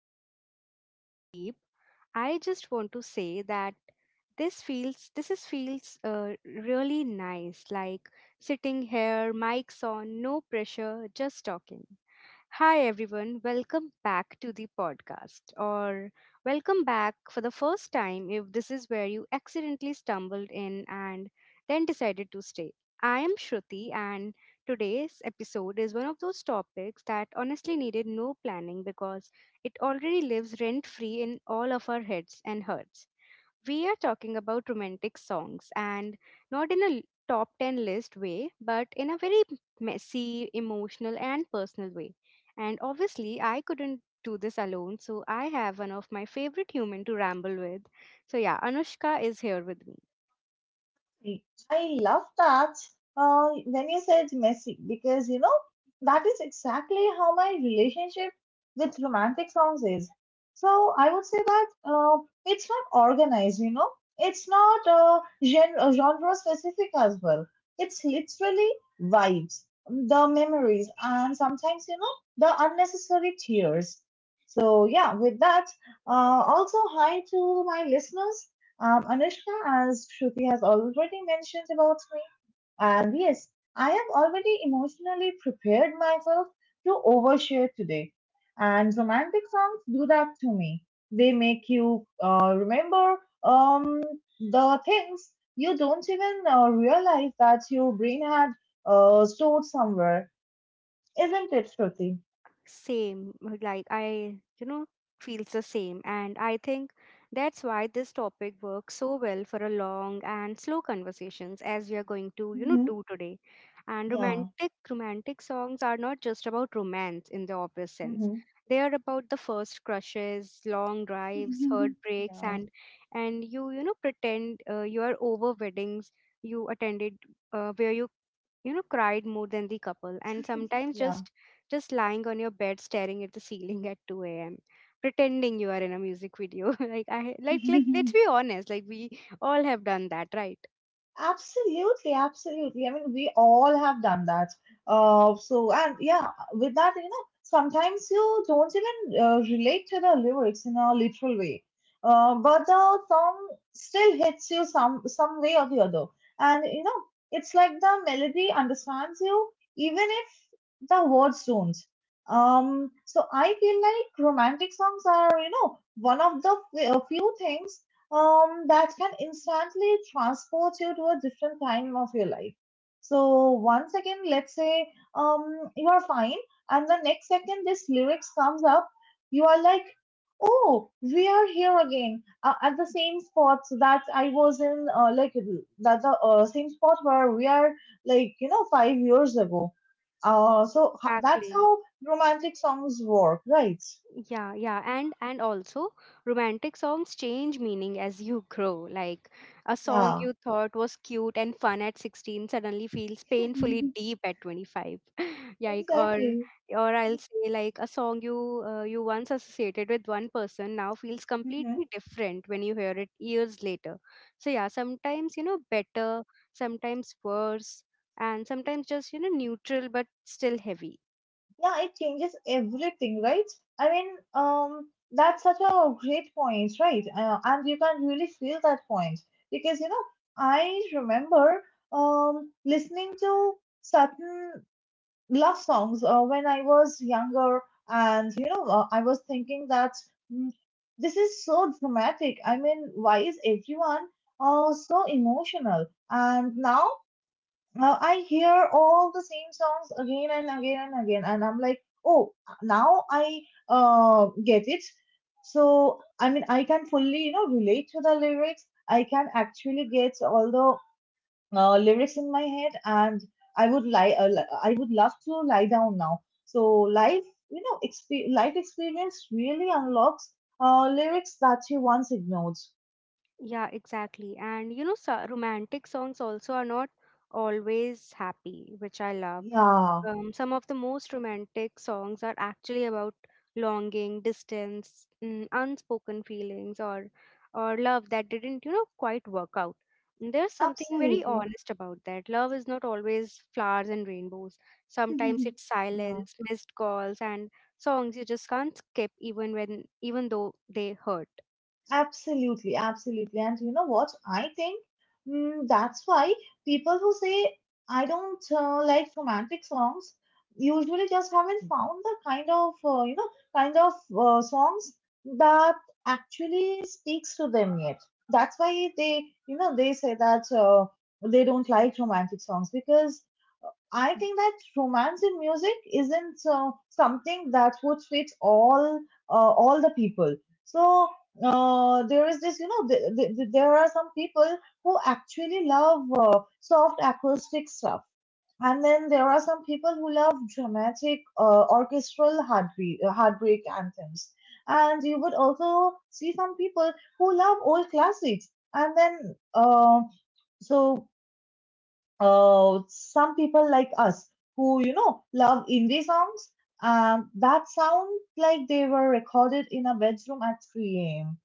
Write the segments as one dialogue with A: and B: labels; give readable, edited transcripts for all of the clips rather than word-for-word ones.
A: into anything deep, I just want to say that this feels this is feels really nice, like sitting here, mics on, no pressure, just talking. Hi, everyone. Welcome back to the podcast, or welcome back for the first time if this is where you accidentally stumbled in and then decided to stay. I am Shruti, and today's episode is one of those topics that honestly needed no planning because it already lives rent free in all of our heads and hearts. We are talking about romantic songs, and not in a top 10 list way, but in a very messy, emotional, and personal way. And obviously, I couldn't do this alone, so I have one of my favorite human to ramble with. So, yeah, Anushka is here with me.
B: I love that when you said messy because you know that is exactly how my relationship with romantic songs is. So I would say that it's not organized, you know, it's not genre specific as well. It's literally vibes, the memories, and sometimes you know the unnecessary tears. So yeah, with that, also hi to my listeners. Anushka, as Shruti has already mentioned about me, and yes, I have already emotionally prepared myself to overshare today. And romantic songs do that to me. They make you remember um, the things you don't even realize that your brain had stored somewhere. Isn't it, Shruti?
A: Same, like I feels the same. And I think that's why this topic works so well for a long and slow conversations, as we are going to,
B: Mm-hmm.
A: do today. And
B: Yeah.
A: romantic songs are not just about romance in the obvious sense. They are about the first crushes, long drives,
B: Mm-hmm.
A: heartbreaks, and you know pretend you are over weddings you attended where you know cried more than the couple, and sometimes
B: Yeah.
A: just lying on your bed staring at the ceiling at 2 a.m. pretending you are in a music video. like I like
B: Yeah.
A: like let's be honest, like we all have done that, right?
B: Absolutely, absolutely. I mean, we all have done that. So and yeah, with that, you know, sometimes you don't even relate to the lyrics in a literal way, but the song still hits you some way or the other. And you know, it's like the melody understands you even if the words don't. So I feel like romantic songs are, you know, one of the few things that can instantly transport you to a different time of your life. So once again, let's say you are fine, and the next second this lyrics comes up, you are like, oh, we are here again at the same spot that I was in, like that the same spot where we are, like you know, 5 years ago. So h- That's
A: Exactly.
B: how romantic songs work, right?
A: Yeah, and also romantic songs change meaning as you grow, like a song
B: Yeah,
A: you thought was cute and fun at 16 suddenly feels painfully deep at 25. like or
B: exactly.
A: or I'll say, like, a song you you once associated with one person now feels completely different when you hear it years later. So yeah, sometimes better, sometimes worse, and sometimes just, neutral but still heavy.
B: Yeah, it changes everything, right? I mean, that's such a great point, right? And you can really feel that point because you know, I remember listening to certain love songs when I was younger, and you know, I was thinking that mm, this is so dramatic. I mean, why is everyone so emotional? And now I hear all the same songs again and again and again, and I'm like, oh, now I get it. So, I mean, I can fully, you know, relate to the lyrics. I can actually get all the lyrics in my head, and I would lie. I would love to lie down now. So, life, you know, life experience really unlocks lyrics that you once ignored.
A: Yeah, exactly. And you know, so romantic songs also are not always happy, which I love.
B: Yeah,
A: Some of the most romantic songs are actually about longing, distance, unspoken feelings, or love that didn't, you know, quite work out. And there's something very
B: absolutely.
A: honest about that. Love is not always flowers and rainbows. Sometimes it's
B: Yeah.
A: silence, missed calls, and songs you just can't skip even when even though they hurt.
B: Absolutely, absolutely. And you know what? I think that's why people who say, I don't like romantic songs, usually just haven't found the kind of, kind of songs that actually speaks to them yet. That's why they, you know, they say that they don't like romantic songs because I think that romance in music isn't something that would fit all the people. So there is this, you know, there are some people who actually love soft acoustic stuff, and then there are some people who love dramatic orchestral heartbeat, heartbreak anthems. And you would also see some people who love old classics, and then uh, so some people like us who you know love indie songs that sound like they were recorded in a bedroom at 3 a.m.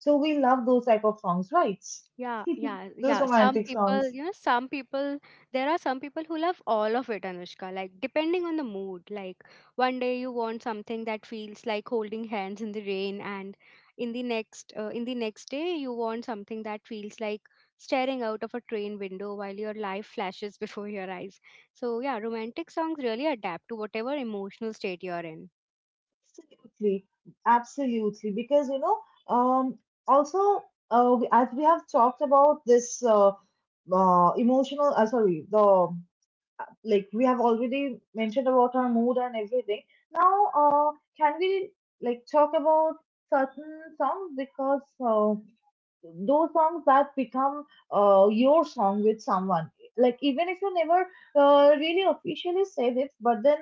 B: So we love those type of songs, right?
A: Yeah, yeah,
B: Those
A: yeah. Some
B: romantic
A: people,
B: songs,
A: you know, there are some people who love all of it, Anushka, like depending on the mood. Like one day you want something that feels like holding hands in the rain, and in the next day you want something that feels like staring out of a train window while your life flashes before your eyes. So yeah, romantic songs really adapt to whatever emotional state you're in.
B: absolutely, absolutely. Because you know, um, also as we have talked about this emotional, sorry, the like we have already mentioned about our mood and everything. Now, can we like talk about certain songs because those songs that become your song with someone like even if you never really officially said it but then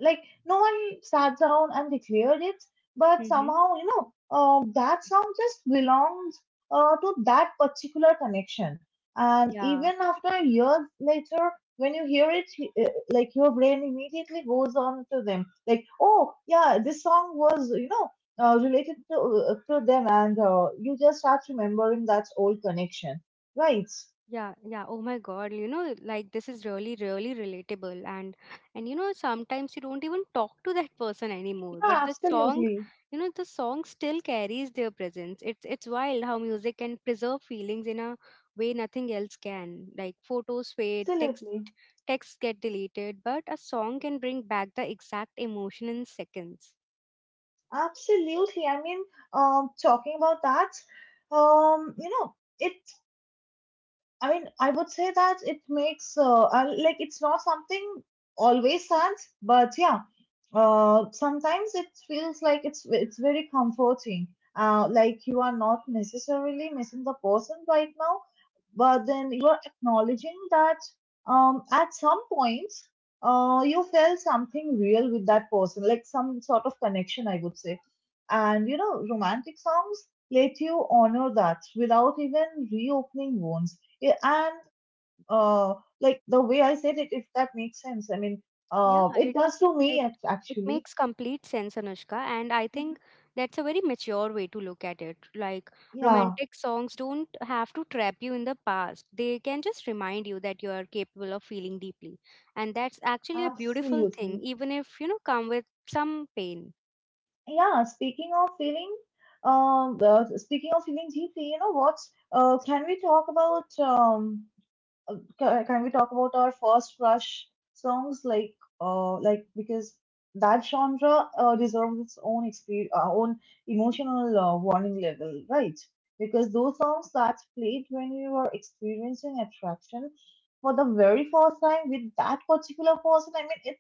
B: like no one sat down and declared it but somehow you know that song just belongs to that particular connection and
A: Mm-hmm.
B: even after years later when you hear it like your brain immediately goes on to them like oh yeah this song was you know related to them and you just start remembering that old connection, right?
A: Yeah, yeah. Oh my God, you know, like this is really, really relatable. And you know, sometimes you don't even talk to that person anymore,
B: Yeah,
A: but the song,
B: absolutely.
A: you know, the song still carries their presence. It's wild how music can preserve feelings in a way nothing else can. Like photos fade, text
B: Absolutely.
A: texts get deleted, but a song can bring back the exact emotion in seconds.
B: Absolutely, I mean, talking about that, you know, it, I mean, I would say that it makes like it's not something always sad but yeah, sometimes it feels like it's very comforting, like you are not necessarily missing the person right now but then you are acknowledging that, at some point you felt something real with that person, like some sort of connection, I would say. And you know, romantic songs let you honor that without even reopening wounds. Yeah. And uh, like the way I said it, if that makes sense, I mean,
A: Yeah,
B: it does to
A: it
B: me
A: it
B: actually.
A: makes complete sense, Anushka, and I
B: Mhm.
A: think that's a very mature way to look at it. Like
B: Yeah,
A: romantic songs don't have to trap you in the past. They can just remind you that you are capable of feeling deeply. And that's actually a beautiful thing,
B: absolutely.
A: even if, you know, come with some pain.
B: Yeah, speaking of feeling, well, speaking of feeling deeply, you know what? Can we talk about can we talk about our first crush songs like because that genre deserves its own experience, own emotional warning level, right? Because those songs that played when we were experiencing attraction for the very first time with that particular person, I mean,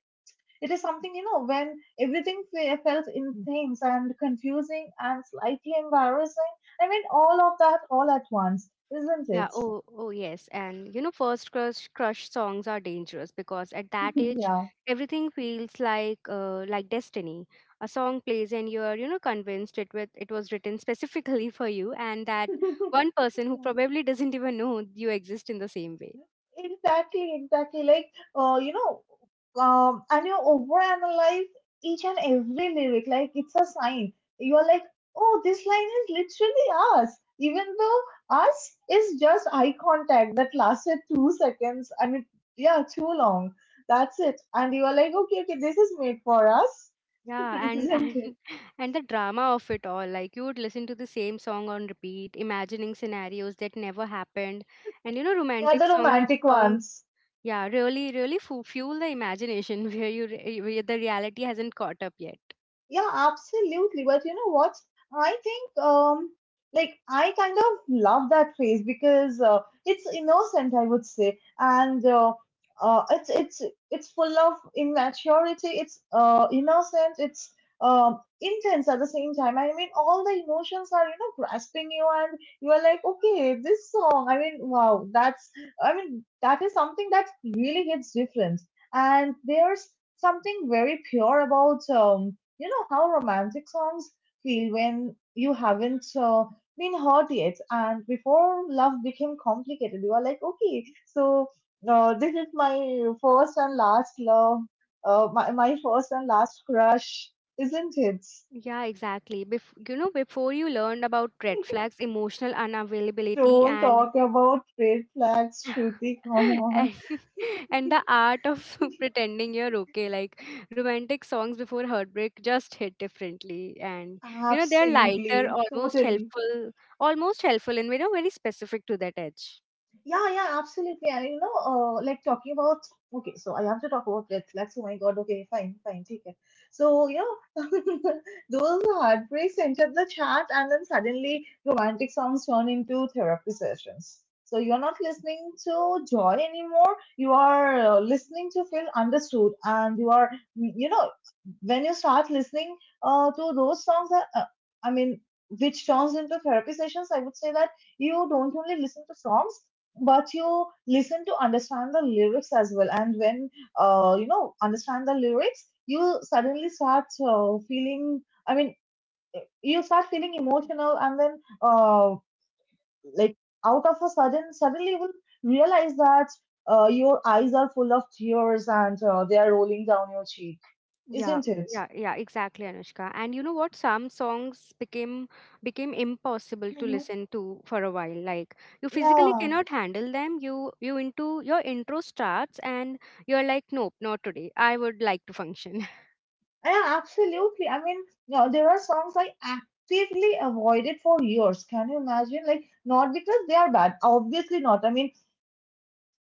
B: it is something, you know, when everything felt intense and confusing and slightly embarrassing. I mean, all of that all at once, isn't
A: Yeah,
B: it?
A: oh oh yes. And you know, first crush songs are dangerous because at that age
B: Yeah.
A: everything feels like destiny. A song plays and you're, you know, convinced it was written specifically for you and that one person who probably doesn't even know you exist in the same way.
B: Exactly, exactly. Like, you know, and you overanalyze each and every lyric. Like, it's a sign. You're like, oh, this line is literally us, even though us is just eye contact that lasted 2 seconds. I mean, yeah, too long. That's it. And you are like, okay, okay, this is made for us,
A: Yeah, and
B: isn't
A: and
B: it?
A: and the drama of it all. Like you would listen to the same song on repeat, imagining scenarios that never happened. And you know,
B: Yeah,
A: romantic
B: the
A: song
B: romantic
A: songs
B: ones.
A: Yeah, really, really fu fuel the imagination where you re where the reality hasn't caught up yet.
B: Yeah, absolutely. But you know what? I think like I kind of love that phrase because it's innocent, I would say, and it's it's full of immaturity. It's innocent. It's intense at the same time. I mean, all the emotions are you know grasping you, and you are like, okay, this song. I mean, wow, that's. I mean, that is something that really hits different, and there's something very pure about you know how romantic songs feel when you haven't been hurt yet, and before love became complicated, you are like, okay, so this is my first and last love, my first and last crush, isn't it?
A: Yeah, exactly. Bef You know, before you learned about red flags, emotional unavailability,
B: Don't
A: and
B: talk about red flags, Shruti, come
A: and,
B: on.
A: and the art of pretending you're okay, like romantic songs before heartbreak just hit differently, and you know they're lighter,
B: Absolutely,
A: almost
B: totally.
A: helpful, and you know very specific to that edge.
B: Yeah, yeah, absolutely. And you know, like talking about okay, so I have to talk about red flags. Oh my God, okay, fine, fine, take it. So, you know, those heartbreaks entered the chat, and then suddenly romantic songs turn into therapy sessions. So you're not listening to joy anymore. You are listening to feel understood, and you are, you know, when you start listening to those songs, that, I mean, which turns into therapy sessions. I would say that you don't only listen to songs but you listen to understand the lyrics as well, and when you know understand the lyrics you suddenly start feeling, I mean, you start feeling emotional, and then like out of a sudden suddenly you will realize that your eyes are full of tears and they are rolling down your cheek,
A: Yeah,
B: isn't it?
A: yeah, yeah, exactly, Anushka. And you know what? Some songs became impossible to
B: Hmm.
A: listen to for a while. Like you physically
B: Yeah.
A: cannot handle them. You into your intro starts and you're like, nope, not today. I would like to function.
B: Yeah, absolutely. I mean, no, there are songs I actively avoided for years. Can you imagine? Like, not because they are bad, obviously not. I mean,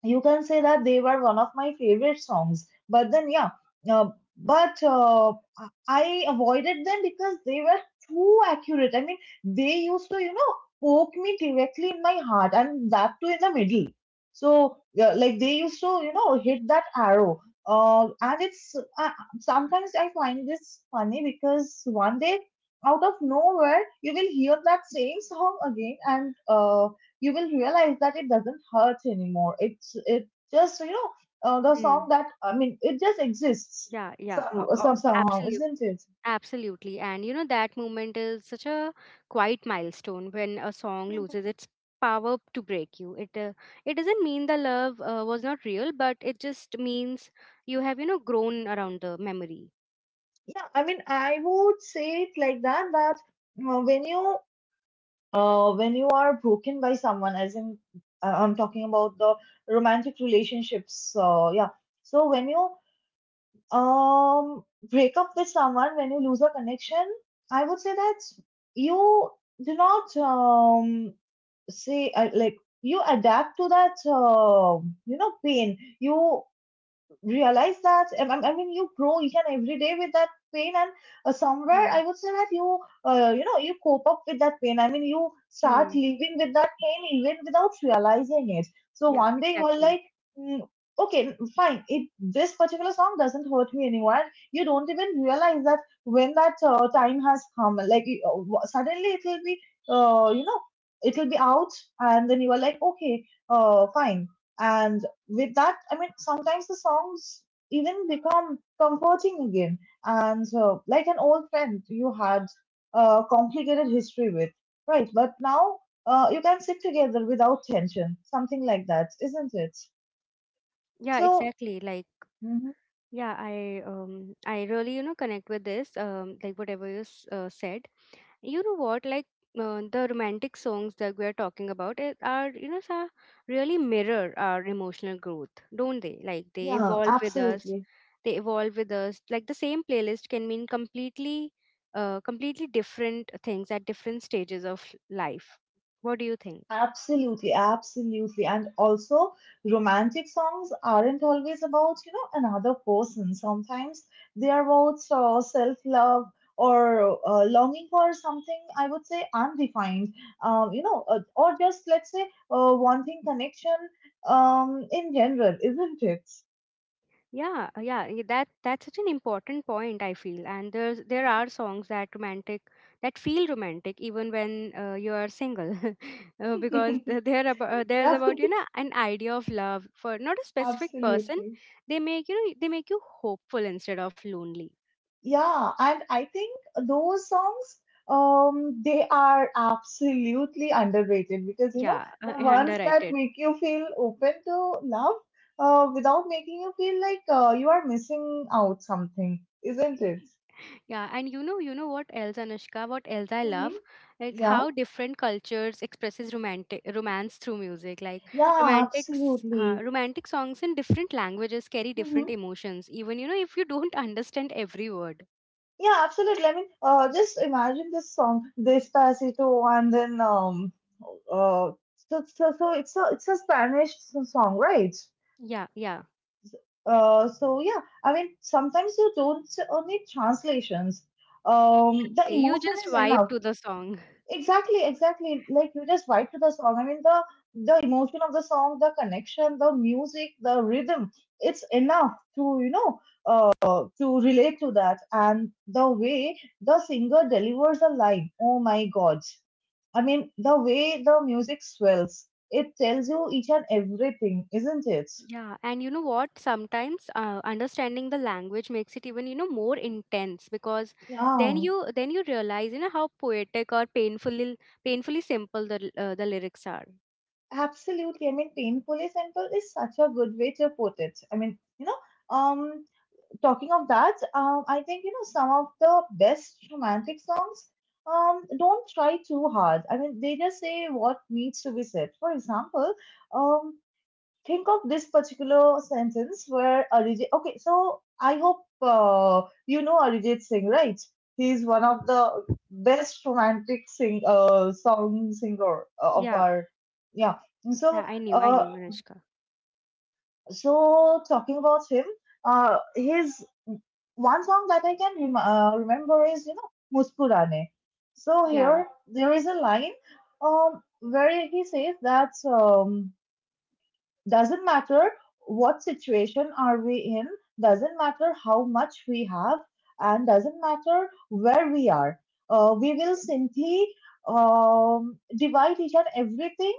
B: you can say that they were one of my favorite songs but then yeah, uh, but I avoided them because they were too accurate, I mean, they used to you know poke me directly in my heart, and that too in the middle. So yeah, like they used to you know hit that arrow, and it's, uh, sometimes I find this funny because one day out of nowhere you will hear that same song again and you will realize that it doesn't hurt anymore. It's, it just you know the song that, I mean, it just exists
A: Yeah, yeah,
B: somehow,
A: absolutely.
B: isn't it?
A: Absolutely. And you know, that moment is such a quiet milestone when a song loses its power to break you. It doesn't mean the love was not real, but it just means you have, you know, grown around the memory.
B: Yeah, I mean I would say it like that uh, when you when you are broken by someone, as in I'm talking about the romantic relationships. Yeah, so when you um break up with someone, when you lose a connection, I would say that you do not say like you adapt to that you know pain. You realize that I mean you grow each and every day with that pain. And somewhere
A: Yeah.
B: I would say that you know you cope up with that pain. I mean you start
A: Hmm.
B: living with that pain even without realizing it. So
A: Yeah,
B: one day you are
A: exactly.
B: like mm, okay, fine, it this particular song doesn't hurt me anymore, and you don't even realize that when that time has come. Suddenly it will be you know it will be out, and then you are like okay, fine. And with that, I mean, sometimes the songs even become comforting again. And like an old friend you had a complicated history with, right? But now you can sit together without tension, something like that, isn't it?
A: Yeah,
B: So,
A: exactly. Like,
B: hmm,
A: yeah, I really, you know, connect with this, like whatever you said. You know what, like, the romantic songs that we are talking about it are, you know, sa really mirror our emotional growth, don't they? Like they
B: yeah,
A: evolve with us,
B: absolutely.
A: like the same playlist can mean completely different things at different stages of life. What do you think?
B: Absolutely, absolutely. And also, romantic songs aren't always about, you know, another person. Sometimes they are about self-love or longing for something, I would say, undefined. You know, or just, let's say, wanting connection in general, isn't it?
A: Yeah, yeah, that that's such an important point, I feel. And there are songs that romantic that feel romantic even when you are single, because they're about, they're
B: Yeah,
A: about, you know, an idea of love, for not a specific person.
B: absolutely.
A: They make, you know, they make you hopeful instead of lonely.
B: Yeah, and I think those songs, they are absolutely underrated, because you know
A: Yeah,
B: the ones that
A: underrated.
B: make you feel open to love, without making you feel like you are missing out something, isn't it?
A: Yeah, and you know what else, Anushka? What else I
B: Mm-hmm.
A: love is
B: Yeah,
A: how different cultures expresses romantic romance through music. Like
B: yeah, absolutely.
A: romantic songs in different languages carry
B: Mm-hmm.
A: different emotions. Even, you know, if you don't understand every word.
B: Yeah, absolutely. I mean, just imagine this song, Despacito, and then uh, so it's a Spanish song, right?
A: Yeah, yeah,
B: So yeah, I mean, sometimes you don't need translations. The
A: exactly. You
B: emotion
A: just
B: is
A: vibe
B: enough.
A: to the song.
B: Exactly, exactly. Like you just vibe to the song. I mean, the emotion of the song, the connection, the music, the rhythm. It's enough to you know to relate to that. And the way the singer delivers a line. Oh my God. I mean, the way the music swells, it tells you each and everything, isn't it?
A: Yeah, and you know what? Sometimes understanding the language makes it even, you know, more intense, because
B: Yeah.
A: then you realize, you know, how poetic or painfully simple the the lyrics are.
B: Absolutely. I mean, painfully simple is such a good way to put it. I mean, you know, um, talking of that, I think, you know, some of the best romantic songs, don't try too hard. I mean, they just say what needs to be said. For example, um, think of this particular sentence where Arijit. Okay, so I hope you know Arijit Singh, right? He's one of the best romantic sing song singer of
A: Yeah,
B: our yeah.
A: yeah,
B: So
A: I
B: uh,
A: knew, Anushka.
B: so talking about him, his one song that I can remember is you know Muskurane. So
A: Yeah,
B: here there is a line where he says that. Doesn't matter what situation are we in, doesn't matter how much we have, and doesn't matter where we are. We will simply divide each and everything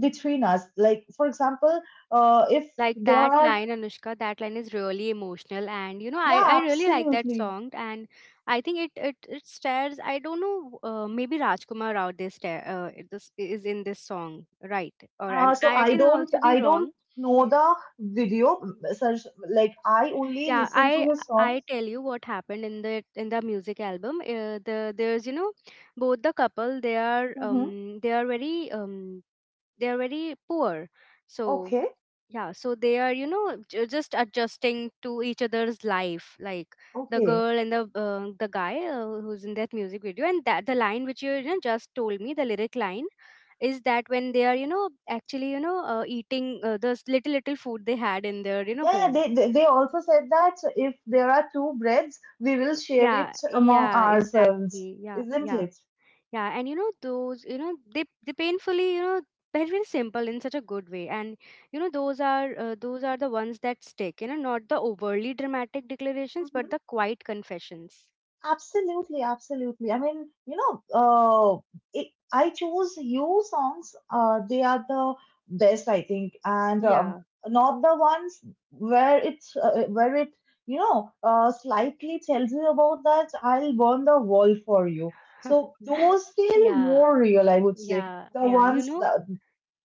B: between us. Like, for example, if
A: like
B: there
A: that
B: are,
A: line, Anushka. That line is really emotional, and you know
B: yeah,
A: I really like that
B: absolutely.
A: song, and I think it stares. I don't know. Maybe Rajkumar Rao, this is in this song, right? Or I'm,
B: So
A: I can also be
B: I don't
A: wrong.
B: know the video.
A: Mm.
B: Such like I only
A: Yeah,
B: listen to his songs.
A: I tell you what happened in the music album. The there's, you know, both the couple, they are,
B: Mm-hmm.
A: they are very, they are very poor. So
B: Okay,
A: yeah, so they are, you know, just adjusting to each other's life, like the
B: okay.
A: girl and the guy who's in that music video, and that the line which you know, just told me, the lyric line is that when they are, you know, actually, you know, eating those little little food they had in their, you know,
B: Yeah, yeah,
A: home.
B: they also said that if there are two breads, we will share
A: Yeah,
B: it among
A: yeah,
B: ourselves,
A: exactly, yeah,
B: isn't
A: yeah.
B: it?
A: Yeah, and you know those, you know they painfully, you know, but very simple in such a good way. And you know those are the ones that stick, you know, not the overly dramatic declarations but
B: Hmm.
A: the quiet confessions.
B: Absolutely, absolutely. I mean, you know, it, I choose you songs. They are the best, I think, and
A: Yeah,
B: not the ones where it's where it you know slightly tells you about that I'll burn the world for you.
A: yeah,
B: So those feel
A: yeah,
B: more real, I would say
A: yeah,
B: the
A: yeah, you
B: ones,
A: know.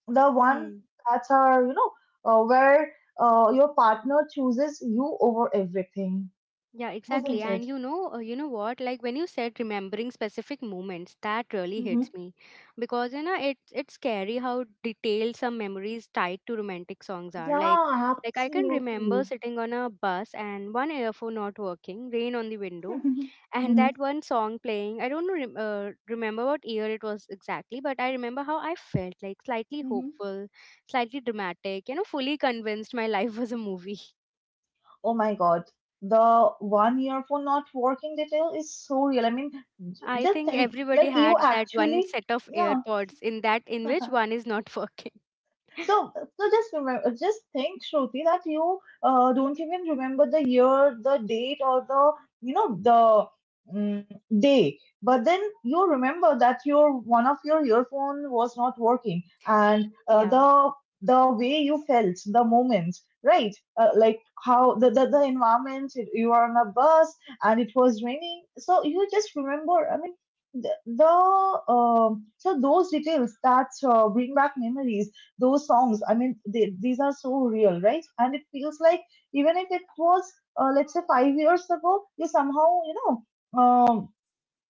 B: the one
A: Hmm.
B: that's are you know where your partner chooses you over everything,
A: Yeah, exactly.
B: isn't
A: And
B: it?
A: you know what? Like when you said remembering specific moments, that really
B: Mm-hmm.
A: hits me, because you know it's scary how detailed some memories tied to romantic songs are.
B: Yeah,
A: Like I can remember
B: absolutely.
A: sitting on a bus and one earphone not working, rain on the window, and
B: Mm-hmm.
A: that one song playing. I don't know, remember what year it was exactly, but I remember how I felt, like slightly
B: Mm-hmm.
A: hopeful, slightly dramatic. You know, fully convinced my life was a movie.
B: Oh my god, the one year for not working detail is so real. I mean,
A: I
B: just
A: think
B: think
A: everybody
B: like you
A: had that one
B: actually
A: set of
B: yeah.
A: AirPods in that in which one is not working.
B: So, so just remember, just think, Shruti, that you don't even remember the year, the date, or the you know the mm day. But then you remember that your one of your earphone was not working, and
A: Yeah.
B: the way you felt, the moment, right? Like how the environment, you were on a bus and it was raining. So you just remember. I mean. The so those details that bring back memories, those songs, I mean these are so real, right? And it feels like even if it was let's say 5 years ago, you somehow you know um,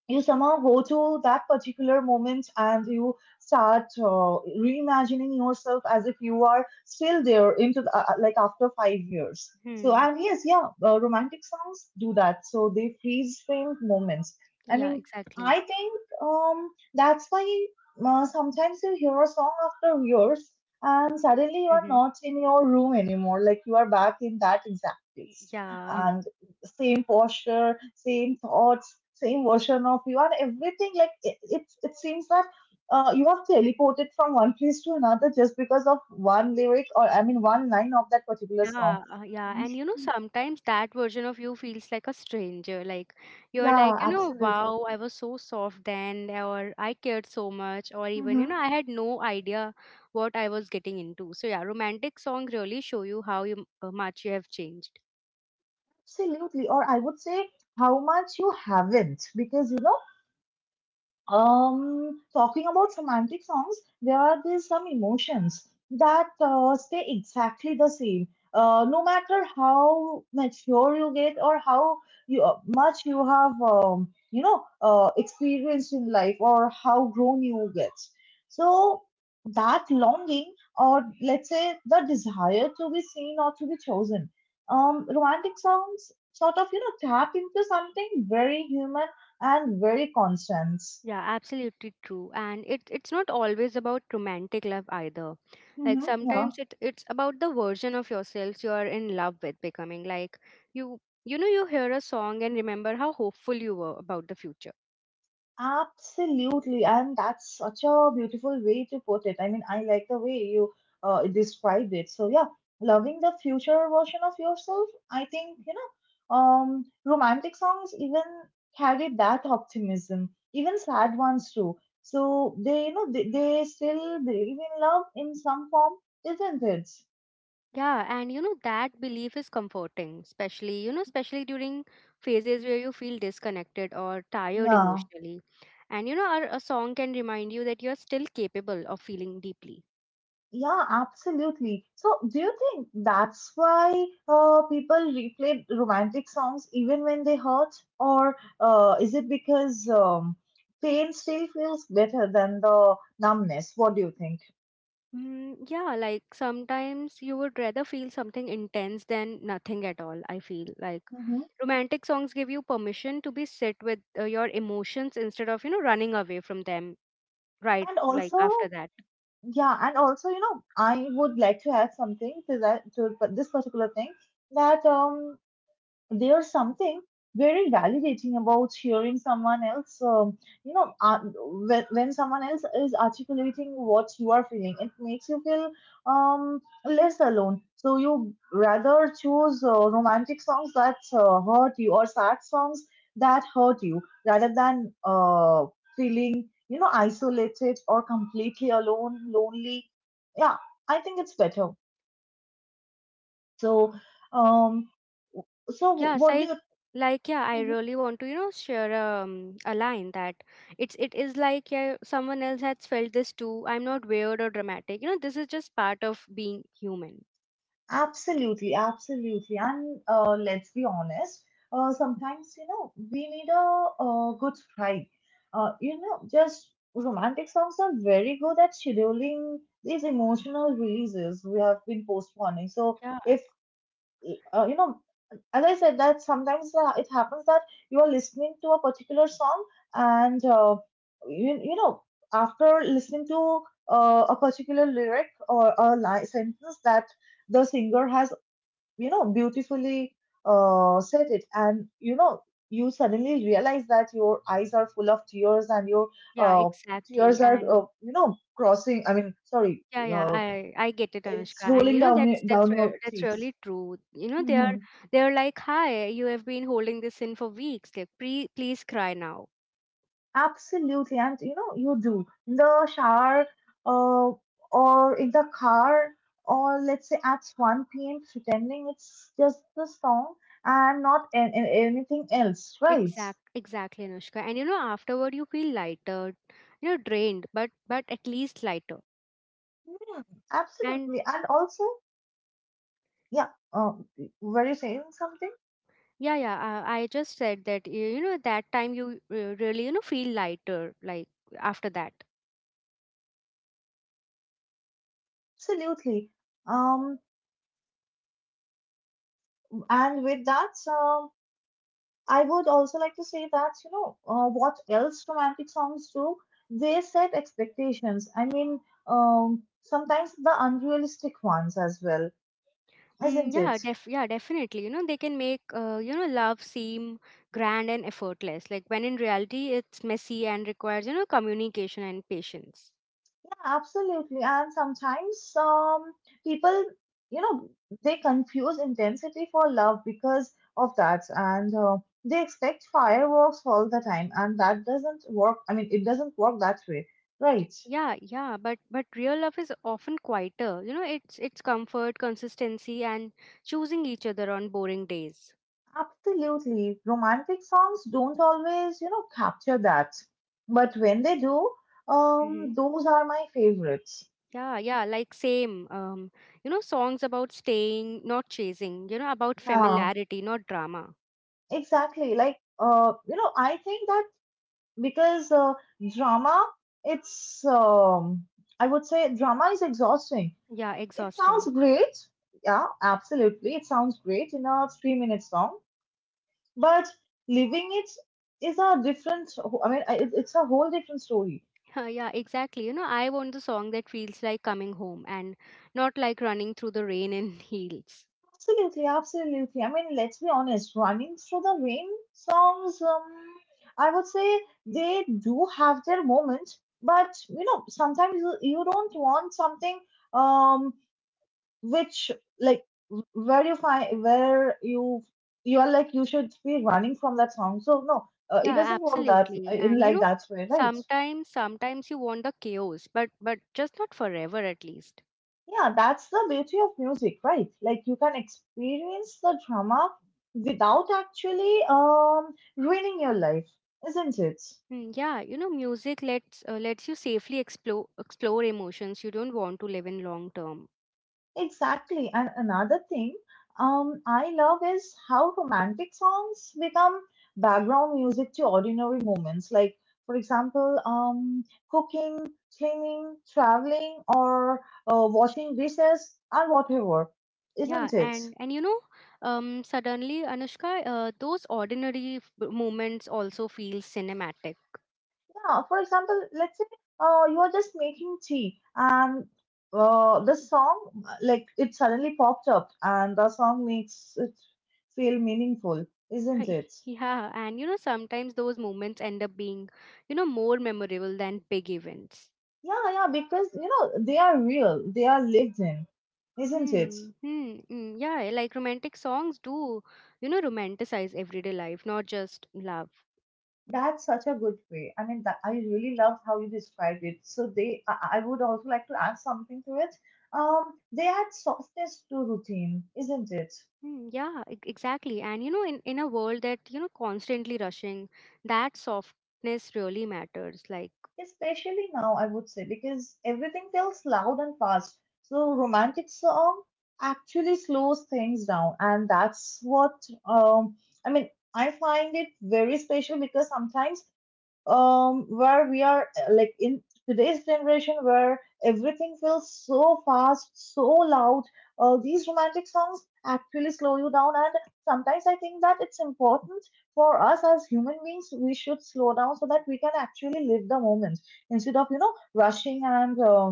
B: you somehow go to that particular moment and you start reimagining yourself as if you are still there into the, like after five years. So
A: Hmm.
B: and yes yeah romantic songs do that, so they freeze frame moments. I
A: Yeah,
B: mean
A: exactly.
B: I think that's why sometimes you hear a song after years and suddenly you are
A: Mm-hmm.
B: not in your room anymore, like you are back in that exact place
A: Yeah.
B: and same posture, same thoughts, same version of you and everything. Like it seems that you have teleported from one place to another just because of one lyric, or I mean one line of that particular song.
A: Yeah, yeah, and you know, sometimes that version of you feels like a stranger. Like, you're
B: Yeah,
A: like, you know,
B: absolutely.
A: wow, I was so soft then, or I cared so much, or even, you
B: Mm-hmm.
A: know, I had no idea what I was getting into. So, yeah, romantic song really show you how much you have changed.
B: Absolutely, or I would say how much you haven't, because you know. Talking about romantic songs, there are these some emotions that stay exactly the same. No matter how mature you get or how you, much you have, you know, experienced in life or how grown you get. So that longing, or let's say the desire to be seen or to be chosen, romantic songs sort of, you know, tap into something very human and very constant.
A: Yeah, absolutely true. And it's not always about romantic love either. Like
B: Mm-hmm. Yeah,
A: sometimes it's about the version of yourselves you are in love with becoming. Like you know you hear a song and remember how hopeful you were about the future.
B: absolutely. And that's such a beautiful way to put it. I mean, I like the way you described it. So, yeah, loving the future version of yourself, I think, you know, romantic songs even carry that optimism, even sad ones too. So, they, you know, they still believe in love in some form, isn't it?
A: Yeah, and you know that belief is comforting, especially especially during phases where you feel disconnected or tired
B: Yeah.
A: emotionally. And you know a song can remind you that you're still capable of feeling deeply.
B: Yeah, absolutely. So, do you think that's why people replay romantic songs even when they hurt, or is it because pain still feels better than the numbness? What do you think?
A: Mm, yeah, like sometimes you would rather feel something intense than nothing at all, I feel. Like
B: Hmm.
A: romantic songs give you permission to be sit with your emotions instead of, you know, running away from them right
B: And
A: like
B: also,
A: after that.
B: yeah, and also, you know, I would like to add something to that to this particular thing that there's something very validating about hearing someone else you know when someone else is articulating what you are feeling, it makes you feel um, less alone. So you rather choose romantic songs that hurt you, or sad songs that hurt you, rather than feeling you know isolated or completely alone, lonely. Yeah, I think it's better. So um, so
A: Yeah,
B: what do
A: psych
B: you.
A: like yeah, I really want to, share a line that it is like yeah, someone else has felt this too. I'm not weird or dramatic. You know, this is just part of being human.
B: Absolutely, absolutely. And let's be honest, sometimes, you know, we need a, uh, good cry. You know, just romantic songs are very good at scheduling these emotional releases we have been postponing. So,
A: Yeah.
B: if, you know, as I said, that sometimes it happens that you are listening to a particular song and, you, you know, after listening to a particular lyric or a sentence that the singer has you know beautifully said it, and you know you suddenly realize that your eyes are full of tears and your
A: Yeah,
B: uh, tears
A: exactly.
B: are
A: And
B: you know crossing, I mean, sorry,
A: yeah, yeah,
B: uh,
A: I get it, Anushka,
B: it's
A: and
B: rolling
A: you know
B: down
A: that's that's
B: down your
A: re- that's
B: cheeks.
A: really true. You know they are
B: Hmm.
A: they are like, hi, you have been holding this in for weeks. Like, please cry now.
B: Absolutely. And you know you do in the shower uh, or in the car, or let's say at 1 p.m., pretending it's just the song and not anything else, right.
A: Exactly, Anushka. And you know afterward you feel lighter, you know drained, but at least lighter.
B: Hmm,
A: And
B: absolutely. And also, yeah, were you saying something?
A: yeah, yeah, I just said that you know that time you really you know feel lighter like after that.
B: Absolutely. Um, and with that, I would also like to say that, you know, what else romantic songs do? They set expectations. I mean, sometimes the unrealistic ones as well,
A: Mm,
B: isn't it?
A: yeah, def yeah, definitely. You know, they can make you know love seem grand and effortless, like when in reality it's messy and requires you know communication and patience.
B: Absolutely. And sometimes people, you know, they confuse intensity for love because of that. And they expect fireworks all the time. And that doesn't work. I mean, it doesn't work that way. Right.
A: Yeah, yeah, but real love is often quieter. You know, it's comfort, consistency, and choosing each other on boring days.
B: Absolutely. Romantic songs don't always, you know, capture that. But when they do,
A: Hmm.
B: those are my favorites.
A: Yeah, yeah, like same. Um, you know, songs about staying, not chasing. You know, about
B: Yeah,
A: familiarity, not drama.
B: exactly. Like, you know, I think that because drama it's I would say drama is exhausting.
A: Yeah,
B: It sounds
A: exhausting.
B: great, yeah, absolutely, it sounds great in a three-minute song, but living it is a different, I mean it's a whole different story.
A: Yeah, exactly. You know, I want the song that feels like coming home and not like running through the rain in heels.
B: Absolutely, absolutely. I mean, let's be honest, running through the rain songs I would say they do have their moment, but you know sometimes you don't want something um, which like where you are like you should be running from that song. So no, it
A: Yeah,
B: doesn't work that
A: absolutely.
B: in
A: And you
B: like
A: know,
B: that way, right.
A: sometimes you want the chaos, but just not forever at least.
B: Yeah, that's the beauty of music, right? Like you can experience the drama without actually ruining your life, isn't it?
A: Mm, yeah, you know, music lets you safely explore emotions you don't want to live in long term.
B: Exactly. And another thing I love is how romantic songs become background music to ordinary moments. Like, for example, cooking, cleaning, traveling, or washing dishes, and whatever,
A: Yeah,
B: isn't it?
A: and you know, suddenly Anushka, those ordinary moments also feel cinematic.
B: Yeah, for example, let's say you're just making tea and the song, like, it suddenly popped up, and the song makes it feel meaningful, isn't
A: Hi.
B: it?
A: Yeah, and you know, sometimes those moments end up being, you know, more memorable than big events.
B: Yeah, yeah, because you know they are real, they are lived in, isn't it?
A: Hmm, hmm, hmm. Yeah, like romantic songs do, you know, romanticize everyday life, not just love.
B: That's such a good way. I mean, that, I really love how you described it. So they, I would also like to add something to it. They add softness to routine, isn't it?
A: Hmm, yeah, exactly. And you know, in a world that, you know, constantly rushing, that softness really matters. Like
B: Especially now, I would say, because everything feels loud and fast. So romantic song actually slows things down, and that's what um, I mean. I find it very special because sometimes where we are like in today's generation where everything feels so fast so loud, these romantic songs actually slow you down, and sometimes I think that it's important for us as human beings we should slow down so that we can actually live the moment instead of rushing and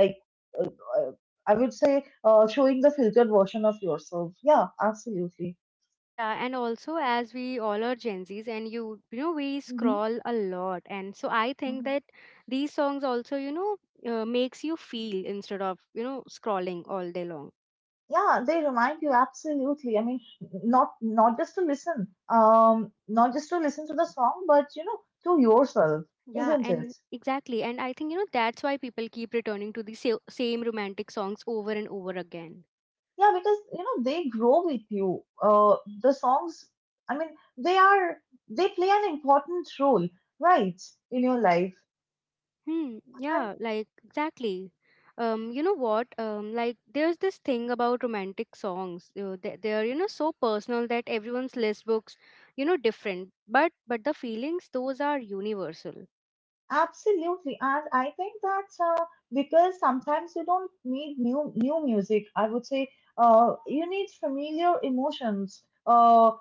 B: like uh, uh, I would say showing the filtered version of yourself. Yeah, absolutely.
A: yeah, and also as we all are Gen Zs and you know we
B: Hmm,
A: scroll a lot and so I think that these songs also you know makes you feel instead of you know scrolling all day long.
B: yeah, they remind you, absolutely. I mean, not just to listen, not just to listen to the song, but you know, to yourself,
A: Yeah,
B: isn't it?
A: and exactly. And I think you know that's why people keep returning to the same romantic songs over and over again.
B: Yeah, because you know they grow with you, the songs, I mean, they are, they play an important role, right, in your life.
A: Hmm,
B: And
A: yeah, like exactly. You know what? Like there's this thing about romantic songs. You know, they're, you know, so personal that everyone's list books, you know, different. But the feelings, those are universal.
B: absolutely, and I think that because sometimes you don't need new music, I would say, you need familiar emotions.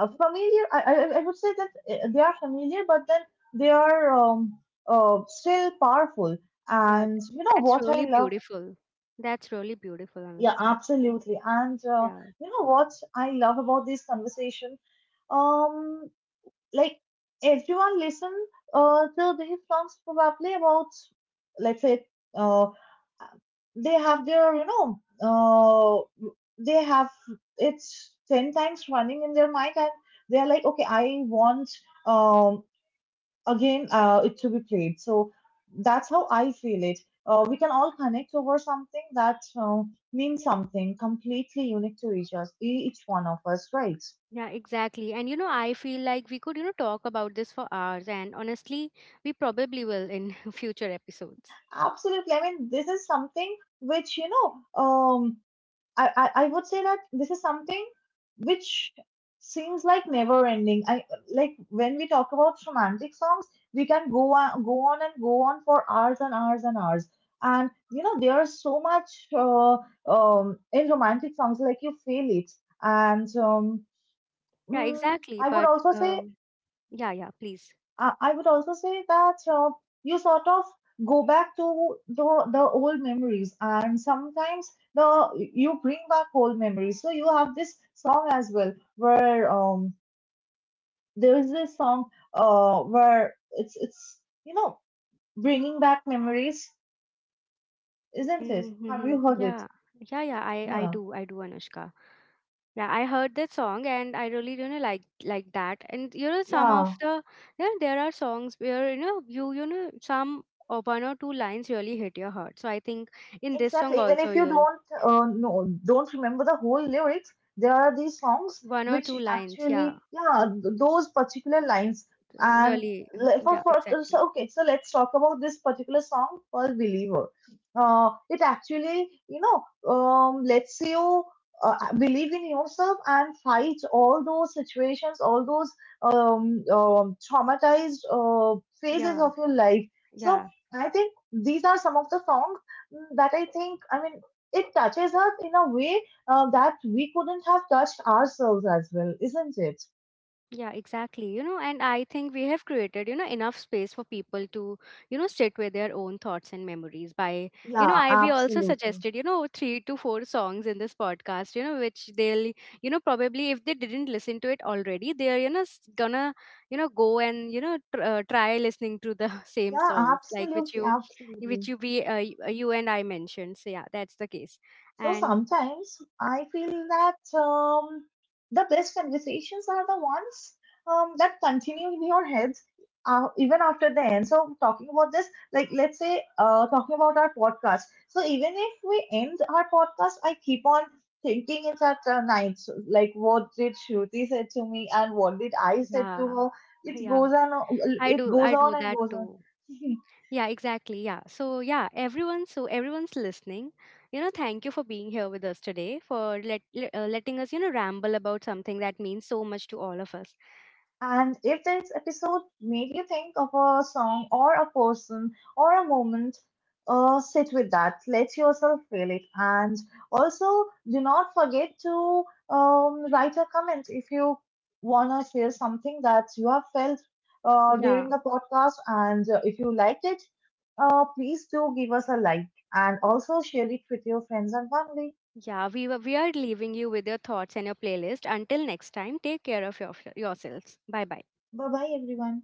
B: Familiar. I would say that they are familiar, but then they are still powerful.
A: Yeah,
B: And you know
A: that's
B: what I
A: really
B: love?
A: beautiful. That's really beautiful,
B: Yeah,
A: Anushka.
B: absolutely. And
A: Yeah,
B: you know what I love about this conversation? Um, like everyone listen to these songs probably about, let's say, uh, they have their, you know, they have, it's 10 times running in their mind, and they're like, okay, I want, um, again, it to be played. So that's how I feel it. We can all connect over something that means something completely unique to each one of us, right?
A: yeah, exactly. And you know, I feel like we could, you know, talk about this for hours, and honestly, we probably will in future episodes.
B: Absolutely. I mean, this is something which, you know, I would say that this is something which seems like never ending. I, like when we talk about romantic songs, we can go on, go on and go on for hours and hours and hours. And you know, there's so much in romantic songs, like you feel it. And
A: Yeah,
B: mm,
A: exactly.
B: I would
A: But
B: also say,
A: um, yeah, yeah, please.
B: I would also say that you sort of go back to the old memories, and sometimes the, you bring back old memories. So you have this song as well, where there is this song where it's, you know, bringing back memories, isn't it? Have you
A: Mm-hmm.
B: heard it?
A: Yeah. Yeah, yeah, I
B: Yeah,
A: do. I do, Anushka. Yeah, I heard that song and I really you know like that. And you know some of
B: yeah.
A: the yeah, there are songs where you know you know some or one or two lines really hit your heart. So I think in this song
B: Exactly. Even
A: also
B: if you
A: you'll
B: don't know, don't remember the whole lyrics, there are these songs
A: one or
B: which
A: two lines, yeah.
B: actually, yeah, those particular lines. And
A: Really
B: le-
A: yeah,
B: for
A: exactly.
B: so okay, so let's talk about this particular song called "Believer." It actually, you know, lets you believe in yourself and fight all those situations, all those traumatized phases
A: Yeah,
B: of your life. So
A: yeah.
B: I think these are some of the songs that I think, I mean, it touches us in a way that we couldn't have touched ourselves as well, isn't it?
A: Yeah, exactly. You know, and I think we have created, you know, enough space for people to, you know, sit with their own thoughts and memories by, you know,
B: Yeah,
A: I we also
B: absolutely.
A: suggested, you know, three to four songs in this podcast, you know, which they'll, you know, probably if they didn't listen to it already, they're, you know, gonna, you know, go and, you know, try listening to the same
B: Yeah,
A: songs like
B: absolutely,
A: which
B: absolutely.
A: you you and I mentioned. So yeah, that's the case.
B: So
A: And
B: sometimes I feel that the best conversations are the ones that continue in your head even after the end. So talking about this, like let's say, talking about our podcast. So even if we end our podcast, I keep on thinking it at night. So, like what did Shruti say to me and what did I say to
A: yeah,
B: her? It
A: yeah,
B: goes on. It goes
A: I
B: on
A: do
B: and
A: that
B: goes on.
A: too. Yeah, exactly. Yeah. So, yeah, everyone's listening. You know, thank you for being here with us today, for letting us, you know, ramble about something that means so much to all of us.
B: And if this episode made you think of a song or a person or a moment, sit with that. Let yourself feel it. And also, do not forget to write a comment if you want to share something that you have felt
A: Yeah.
B: during the podcast. And if you liked it, please do give us a like and also share it with your friends and family.
A: Yeah, we are leaving you with your thoughts and your playlist. Until next time, take care of yourselves. Bye bye.
B: Bye bye, everyone.